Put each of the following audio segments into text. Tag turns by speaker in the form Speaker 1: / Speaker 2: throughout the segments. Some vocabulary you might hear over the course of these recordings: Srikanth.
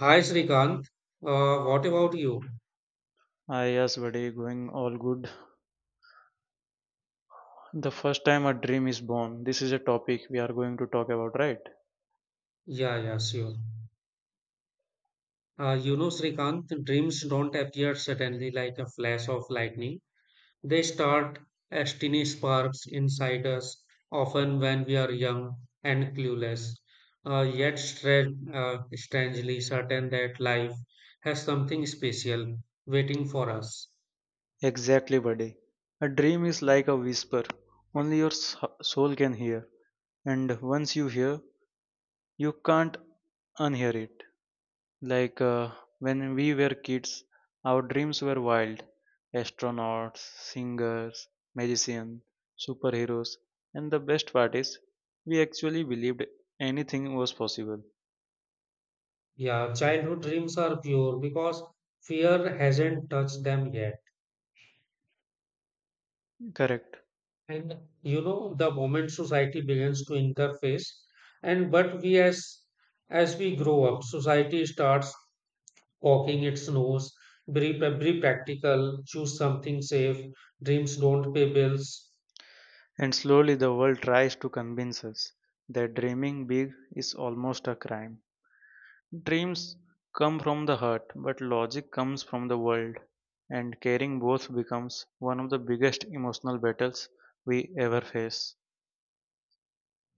Speaker 1: Hi Srikanth, what about you?
Speaker 2: Ah, yes, buddy, going all good. The first time a dream is born. This is a topic we are going to talk about, right?
Speaker 1: Yeah, yeah, sure. Srikanth, dreams don't appear suddenly like a flash of lightning. They start as tiny sparks inside us, often when we are young and clueless, yet strangely certain that life has something special waiting for us.
Speaker 2: Exactly, buddy. A dream is like a whisper, only your soul can hear. And once you hear, you can't unhear it. Like uh, when we were kids, our dreams were wild astronauts, singers, magicians, superheroes. And the best part is, we actually believed anything was possible.
Speaker 1: Yeah, childhood dreams are pure because fear hasn't touched them yet.
Speaker 2: Correct.
Speaker 1: And the moment society begins to interface, and but we as we grow up, society starts poking its nose. be, be practical, choose something safe, dreams don't pay bills.
Speaker 2: And slowly the world tries to convince us that dreaming big is almost a crime. Dreams come from the heart, but logic comes from the world, and carrying both becomes one of the biggest emotional battles we ever face.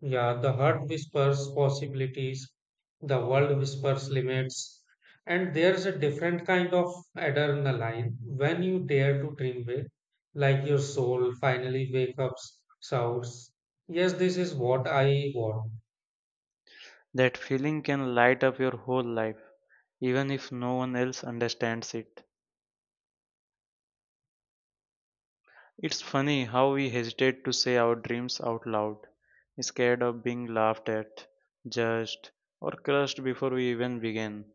Speaker 1: Yeah, the heart whispers possibilities, the world whispers limits, and there's a different kind of adrenaline when you dare to dream big, like your soul finally wake up, shouts, "Yes, this is what I want."
Speaker 2: That feeling can light up your whole life, even if no one else understands it. It's funny how we hesitate to say our dreams out loud, scared of being laughed at, judged, or crushed before we even begin.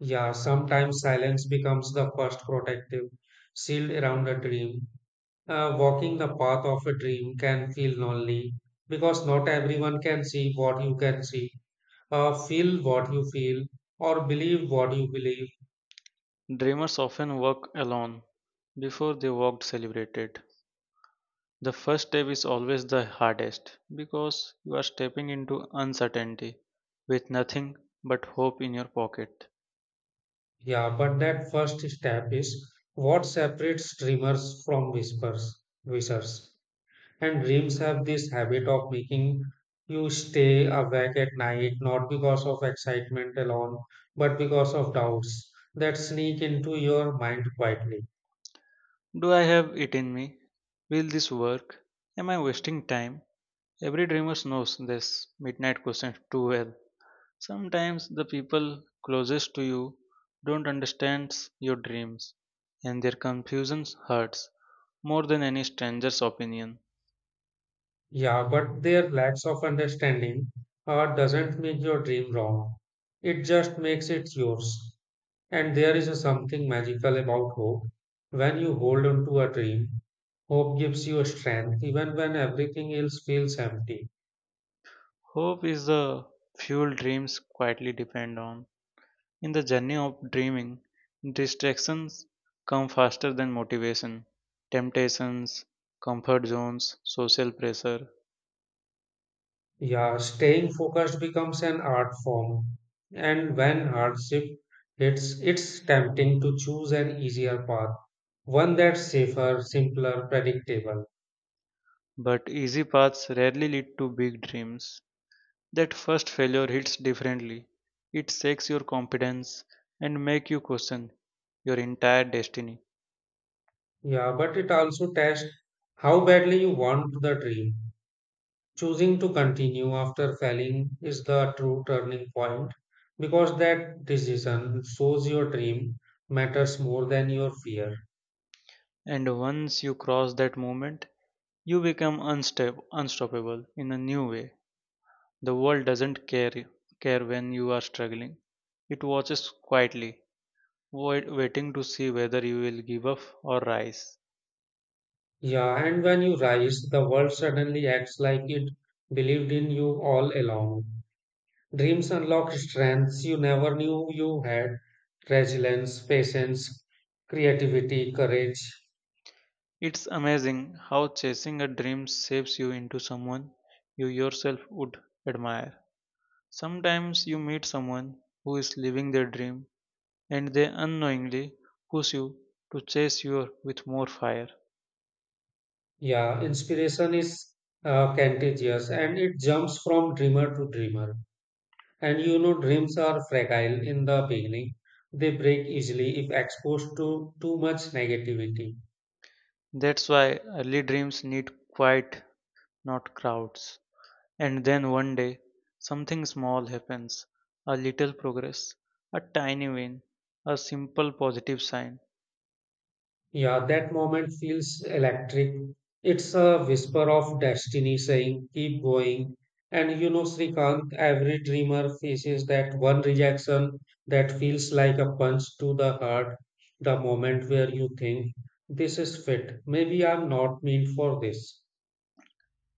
Speaker 1: Yeah, sometimes silence becomes the first protective shield around a dream. Walking the path of a dream can feel lonely because not everyone can see what you can see, feel what you feel or believe what you believe.
Speaker 2: Dreamers often work alone before they worked celebrated. The first step is always the hardest because you are stepping into uncertainty with nothing but hope in your pocket.
Speaker 1: Yeah, but that first step is what separates dreamers from wishers. And dreams have this habit of making you stay awake at night, not because of excitement alone, but because of doubts that sneak into your mind quietly.
Speaker 2: Do I have it in me? Will this work? Am I wasting time? Every dreamer knows this midnight question too well. Sometimes the people closest to you don't understand your dreams and their confusion hurts more than any stranger's opinion.
Speaker 1: Yeah, but their lacks of understanding doesn't make your dream wrong. It just makes it yours. And there is a something magical about hope. When you hold on to a dream, hope gives you strength even when everything else feels empty.
Speaker 2: Hope is the fuel dreams quietly depend on. In the journey of dreaming, distractions come faster than motivation, temptations, comfort zones, social pressure.
Speaker 1: Yeah, staying focused becomes an art form. And when hardship hits, it's tempting to choose an easier path, one that's safer, simpler, predictable.
Speaker 2: But easy paths rarely lead to big dreams. That first failure hits differently. It shakes your confidence and make you question your entire destiny.
Speaker 1: Yeah, but it also tests how badly you want the dream. Choosing to continue after failing is the true turning point because that decision shows your dream matters more than your fear.
Speaker 2: And once you cross that moment, you become unstable, unstoppable in a new way. The world doesn't care when you are struggling. It watches quietly, waiting to see whether you will give up or rise.
Speaker 1: Yeah, and when you rise, the world suddenly acts like it believed in you all along. Dreams unlock strengths you never knew you had: resilience, patience, creativity, courage.
Speaker 2: It's amazing how chasing a dream shapes you into someone you yourself would admire. Sometimes you meet someone who is living their dream and they unknowingly push you to chase yours with more fire.
Speaker 1: Yeah, inspiration is, contagious, and it jumps from dreamer to dreamer. And dreams are fragile in the beginning. They break easily if exposed to too much negativity.
Speaker 2: That's why early dreams need quiet, not crowds. And then one day, something small happens a little progress, a tiny win, a simple positive sign.
Speaker 1: Yeah, that moment feels electric. It's a whisper of destiny saying, keep going. And Srikanth, every dreamer faces that one rejection that feels like a punch to the heart, the moment where you think, this is fit. Maybe I'm not meant for this.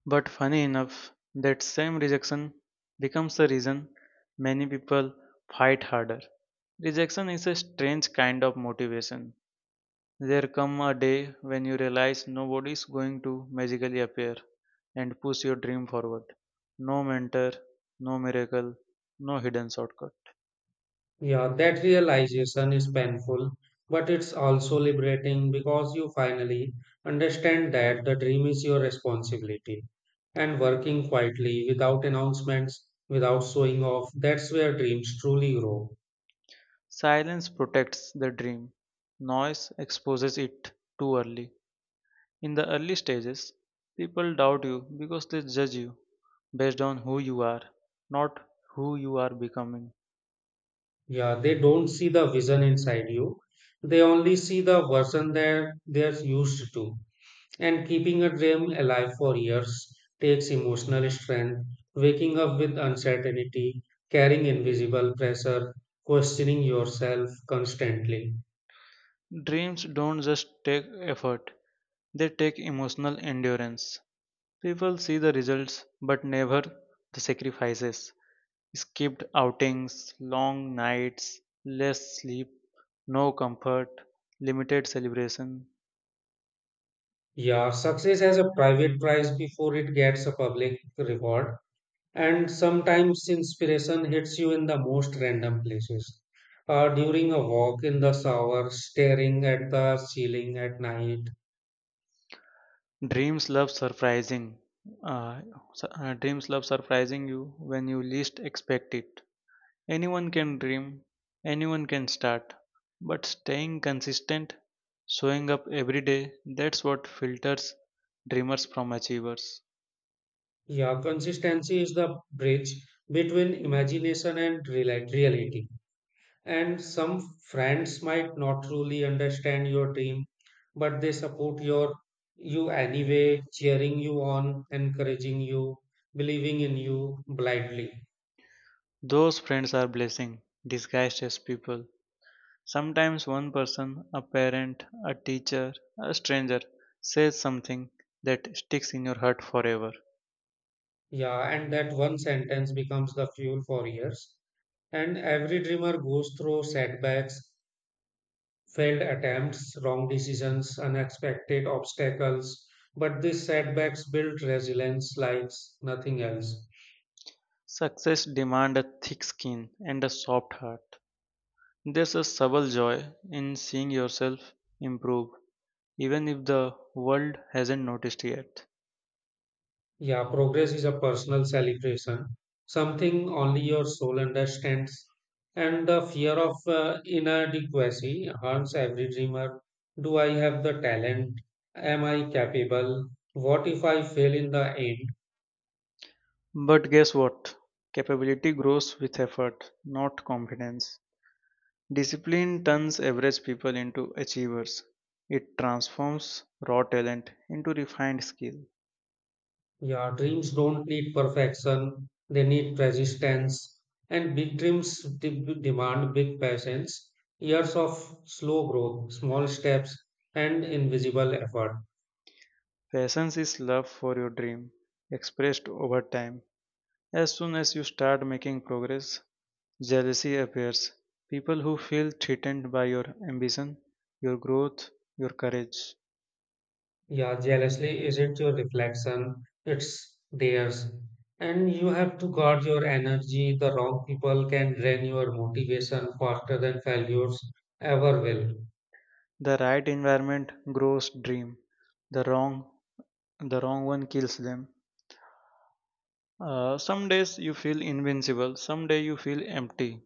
Speaker 2: But funny enough, that same rejection becomes the reason many people fight harder. Rejection is a strange kind of motivation. There come a day when you realize nobody is going to magically appear and push your dream forward. No mentor, no miracle, no hidden shortcut.
Speaker 1: Yeah, that realization is painful, but it's also liberating because you finally understand that the dream is your responsibility. And working quietly, without announcements, without showing off, that's where dreams truly grow.
Speaker 2: Silence protects the dream. Noise exposes it too early. In the early stages, people doubt you because they judge you based on who you are, not who you are becoming.
Speaker 1: Yeah, they don't see the vision inside you, they only see the version that they're used to. And keeping a dream alive for years takes emotional strength, waking up with uncertainty, carrying invisible pressure, questioning yourself constantly.
Speaker 2: Dreams don't just take effort, they take emotional endurance. People see the results but never the sacrifices. Skipped outings, long nights, less sleep, no comfort, limited celebration.
Speaker 1: Yeah, success has a private price before it gets a public reward, and sometimes inspiration hits you in the most random places. During a walk, in the shower, staring at the ceiling at night.
Speaker 2: Dreams love surprising. Uh, Dreams love surprising you when you least expect it. Anyone can dream, anyone can start, but staying consistent, showing up every day, that's what filters dreamers from achievers.
Speaker 1: Yeah, consistency is the bridge between imagination and reality. And some friends might not truly understand your dream, but they support you anyway, cheering you on, encouraging you, believing in you blindly.
Speaker 2: Those friends are blessing, disguised as people. Sometimes one person, a parent, a teacher, a stranger, says something that sticks in your heart forever.
Speaker 1: Yeah, and that one sentence becomes the fuel for years. And every dreamer goes through setbacks, failed attempts, wrong decisions, unexpected obstacles. But these setbacks build resilience like nothing else.
Speaker 2: Success demands a thick skin and a soft heart. There's a subtle joy in seeing yourself improve, even if the world hasn't noticed yet.
Speaker 1: Yeah, progress is a personal celebration, something only your soul understands. And the fear of inadequacy haunts every dreamer. Do I have the talent? Am I capable? What if I fail in the end?
Speaker 2: But guess what? Capability grows with effort, not confidence. Discipline turns average people into achievers. It transforms raw talent into refined skill.
Speaker 1: Yeah, dreams don't need perfection, they need persistence. And big dreams demand big patience, years of slow growth, small steps, and invisible effort.
Speaker 2: Patience is love for your dream, expressed over time. As soon as you start making progress, jealousy appears. People who feel threatened by your ambition, your growth, your courage.
Speaker 1: Yeah, jealously isn't your reflection, it's theirs. And you have to guard your energy. The wrong people can drain your motivation faster than failures ever will.
Speaker 2: The right environment grows dream. The wrong the wrong one kills them. Some days you feel invincible, some day you feel empty.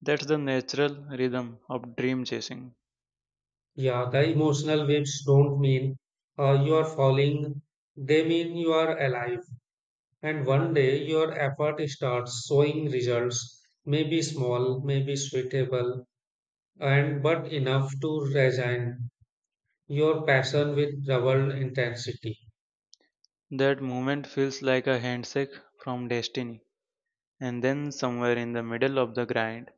Speaker 2: That's the natural rhythm of dream chasing.
Speaker 1: Yeah, the emotional waves don't mean you are falling, they mean you are alive. And one day your effort starts showing results, maybe small, maybe suitable, and but enough to resign your passion with double intensity.
Speaker 2: That moment feels like a handshake from destiny. And then somewhere in the middle of the grind,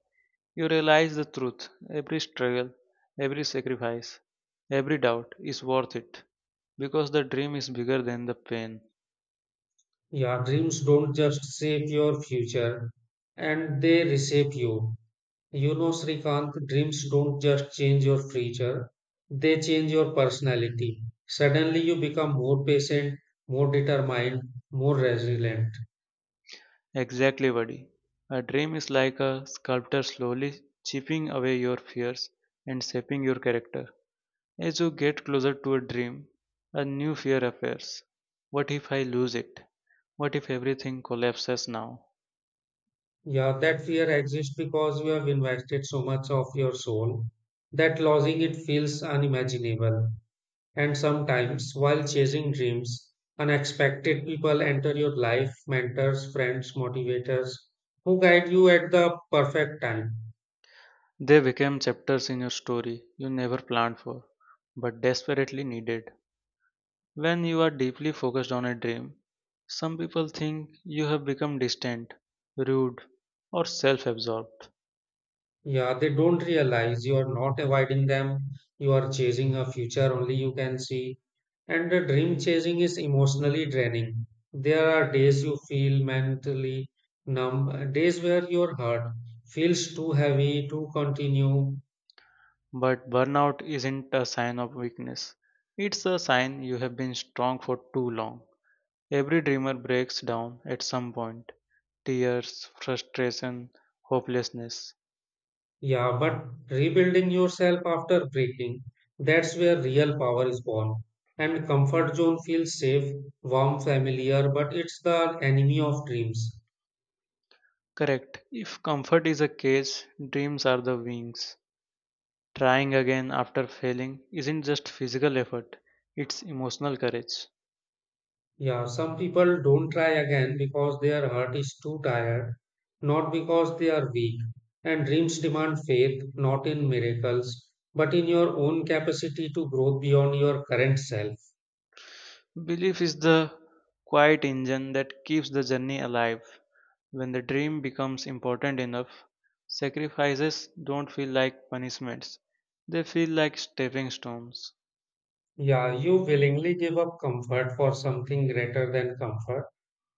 Speaker 2: you realize the truth. Every struggle, every sacrifice, every doubt is worth it because the dream is bigger than the pain.
Speaker 1: Your dreams don't just shape your future, and they reshape you. You know, Srikanth, dreams don't just change your future, they change your personality. Suddenly you become more patient, more determined, more resilient.
Speaker 2: Exactly, buddy. A dream is like a sculptor slowly chipping away your fears and shaping your character. As you get closer to a dream, a new fear appears. What if I lose it? What if everything collapses now?
Speaker 1: Yeah, that fear exists because you have invested so much of your soul that losing it feels unimaginable. And sometimes, while chasing dreams, unexpected people enter your life, mentors, friends, motivators who guide you at the perfect time.
Speaker 2: They became chapters in your story you never planned for, but desperately needed. When you are deeply focused on a dream, some people think you have become distant, rude, or self absorbed.
Speaker 1: Yeah, they don't realize you are not avoiding them. You are chasing a future only you can see. And the dream chasing is emotionally draining. There are days you feel mentally numb, days where your heart feels too heavy to continue.
Speaker 2: But burnout isn't a sign of weakness, it's a sign you have been strong for too long. Every dreamer breaks down at some point tears, frustration, hopelessness.
Speaker 1: Yeah, but rebuilding yourself after breaking, that's where real power is born. And comfort zone feels safe, warm, familiar, but it's the enemy of dreams.
Speaker 2: Correct. If comfort is a cage, dreams are the wings. Trying again after failing isn't just physical effort, it's emotional courage.
Speaker 1: Yeah, some people don't try again because their heart is too tired, not because they are weak. And dreams demand faith, not in miracles, but in your own capacity to grow beyond your current self.
Speaker 2: Belief is the quiet engine that keeps the journey alive. When the dream becomes important enough, sacrifices don't feel like punishments, they feel like stepping stones.
Speaker 1: Yeah, you willingly give up comfort for something greater than comfort.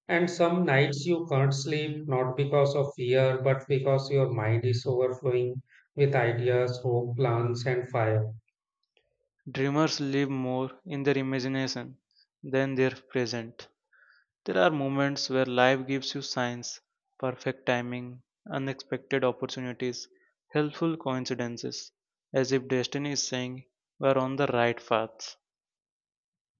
Speaker 1: And some nights you can't sleep, not because of fear, but because your mind is overflowing with ideas, hope, plans, and fire.
Speaker 2: Dreamers live more in their imagination than their present. There are moments where life gives you signs, perfect timing, unexpected opportunities, helpful coincidences, as if destiny is saying, we are on the right path.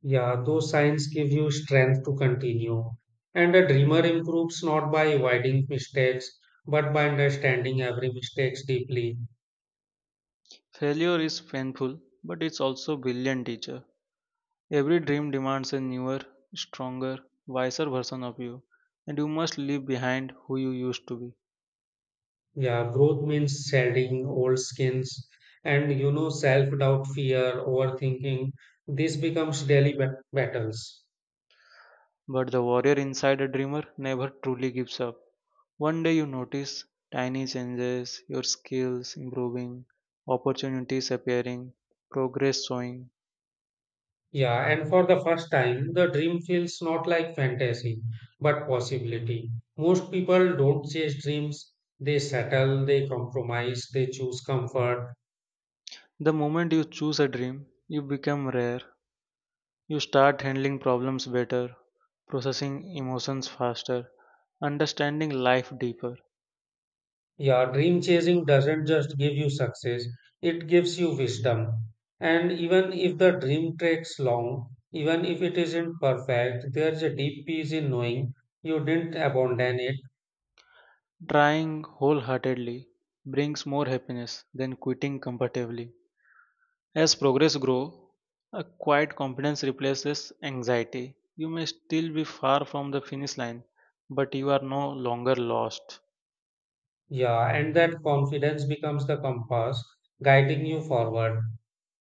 Speaker 1: Yeah, those signs give you strength to continue. And a dreamer improves not by avoiding mistakes, but by understanding every mistake deeply.
Speaker 2: Failure is painful, but it's also a brilliant teacher. Every dream demands a newer, stronger, wiser version of you, and you must leave behind who you used to be.
Speaker 1: Yeah, growth means shedding old skins. And self-doubt, fear, overthinking, this becomes daily battles.
Speaker 2: But the warrior inside a dreamer never truly gives up. One day you notice tiny changes, your skills improving, opportunities appearing, progress showing.
Speaker 1: Yeah, and for the first time, the dream feels not like fantasy, but possibility. Most people don't chase dreams. They settle, they compromise, they choose comfort.
Speaker 2: The moment you choose a dream, you become rare. You start handling problems better, processing emotions faster, understanding life deeper.
Speaker 1: Yeah, dream chasing doesn't just give you success, it gives you wisdom. And even if the dream takes long, even if it isn't perfect, there's a deep peace in knowing you didn't abandon it.
Speaker 2: Trying wholeheartedly brings more happiness than quitting comfortably. As progress grows, a quiet confidence replaces anxiety. You may still be far from the finish line, but you are no longer lost.
Speaker 1: Yeah, and that confidence becomes the compass guiding you forward.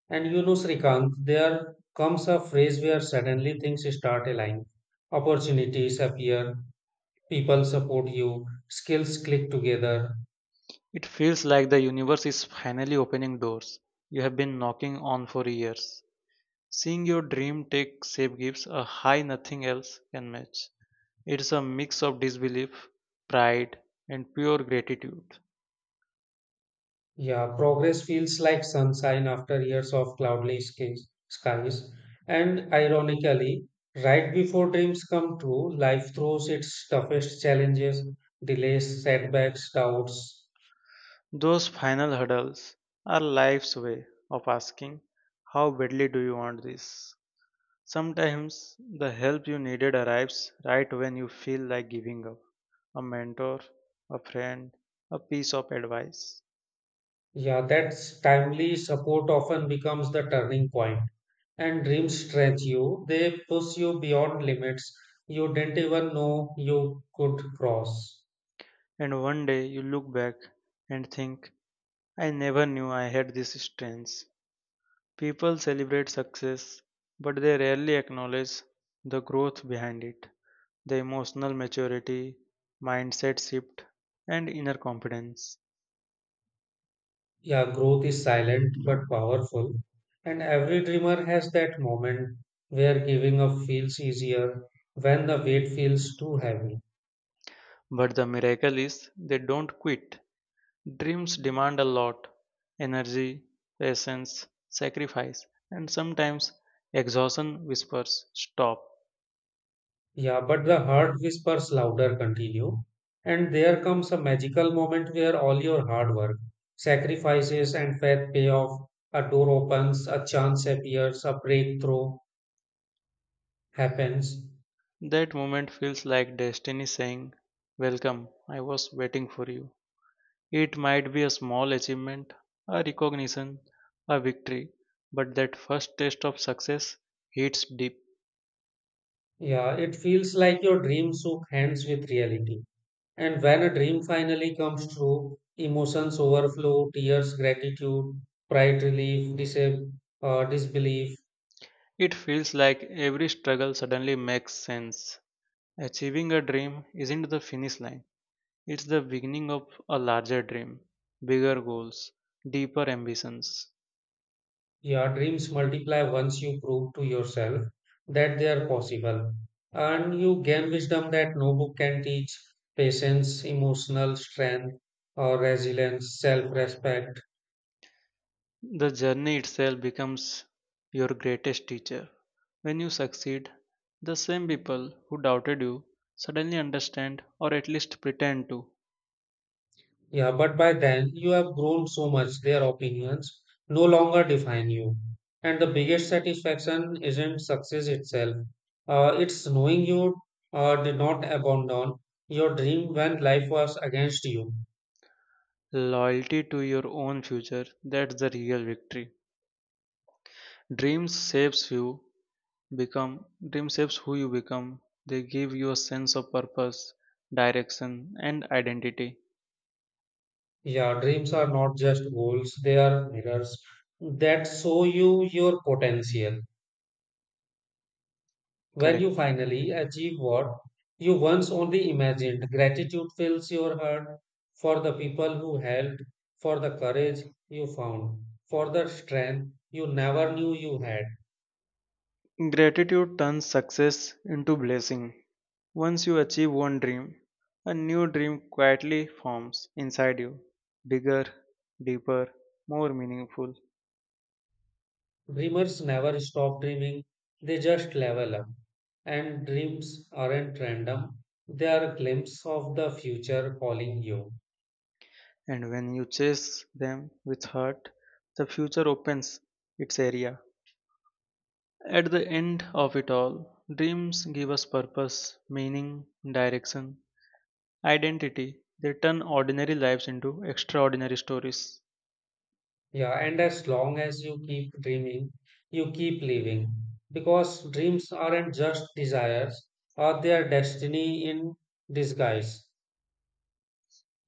Speaker 1: And Srikant, there comes a phase where suddenly things start aligning. Opportunities appear, people support you, skills click together.
Speaker 2: It feels like the universe is finally opening doors you have been knocking on for years. Seeing your dream take shape gives a high nothing else can match. It's a mix of disbelief, pride, and pure gratitude.
Speaker 1: Yeah, progress feels like sunshine after years of cloudless skies. And ironically, right before dreams come true, life throws its toughest challenges, delays, setbacks, doubts.
Speaker 2: Those final hurdles are life's way of asking, how badly do you want this? Sometimes the help you needed arrives right when you feel like giving up a mentor, a friend, a piece of advice.
Speaker 1: Yeah, that timely support often becomes the turning point. And dreams stretch you, they push you beyond limits you didn't even know you could cross.
Speaker 2: And one day you look back and think, I never knew I had this strength. People celebrate success, but they rarely acknowledge the growth behind it, the emotional maturity, mindset shift, and inner confidence.
Speaker 1: Yeah, growth is silent but powerful, and every dreamer has that moment where giving up feels easier, when the weight feels too heavy.
Speaker 2: But the miracle is they don't quit. Dreams demand a lot energy, patience, sacrifice, and sometimes exhaustion whispers, stop.
Speaker 1: Yeah, but the heart whispers louder, continue. And there comes a magical moment where all your hard work, sacrifices, and faith pay off. A door opens, a chance appears, a breakthrough happens.
Speaker 2: That moment feels like destiny saying, welcome, I was waiting for you. It might be a small achievement, a recognition, a victory, but that first taste of success hits deep.
Speaker 1: Yeah, it feels like your dream shook hands with reality. And when a dream finally comes true, emotions overflow, tears, gratitude, pride, relief, disbelief.
Speaker 2: It feels like every struggle suddenly makes sense. Achieving a dream isn't the finish line, it's the beginning of a larger dream, bigger goals, deeper ambitions.
Speaker 1: Your dreams multiply once you prove to yourself that they are possible. And you gain wisdom that no book can teach, patience, emotional strength, or resilience, self respect.
Speaker 2: The journey itself becomes your greatest teacher. When you succeed, the same people who doubted you suddenly understand or at least pretend to.
Speaker 1: Yeah, but by then you have grown so much, their opinions no longer define you. And the biggest satisfaction isn't success itself, it's knowing you did not abandon your dream when life was against you.
Speaker 2: Loyalty to your own future, that's the real victory. Dreams shapes you become dream shapes who you become. They give you a sense of purpose, direction and identity.
Speaker 1: Yeah, dreams are not just goals, they are mirrors that show you your potential. When you
Speaker 2: Correct.
Speaker 1: finally achieve what you once only imagined, gratitude fills your heart, for the people who helped, for the courage you found, for the strength you never knew you had.
Speaker 2: Gratitude turns success into blessing. Once you achieve one dream, a new dream quietly forms inside you, bigger, deeper, more meaningful.
Speaker 1: Dreamers never stop dreaming, they just level up. And dreams aren't random, they are a glimpse of the future calling you.
Speaker 2: And when you chase them with heart, the future opens its area. At the end of it all, dreams give us purpose, meaning, direction, identity. They turn ordinary lives into extraordinary stories.
Speaker 1: Yeah, and as long as you keep dreaming, you keep living. Because dreams aren't just desires, or they are destiny in disguise.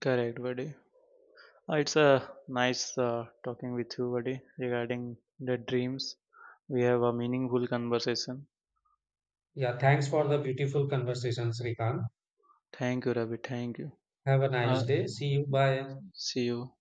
Speaker 2: Correct, buddy. It's a nice talking with you, buddy, regarding the dreams. We have a meaningful conversation.
Speaker 1: Yeah, thanks for the beautiful conversation, Srikan.
Speaker 2: Thank you, Ravi. Thank you.
Speaker 1: Have a nice
Speaker 2: Uh,
Speaker 1: day. See you. Bye.
Speaker 2: See you.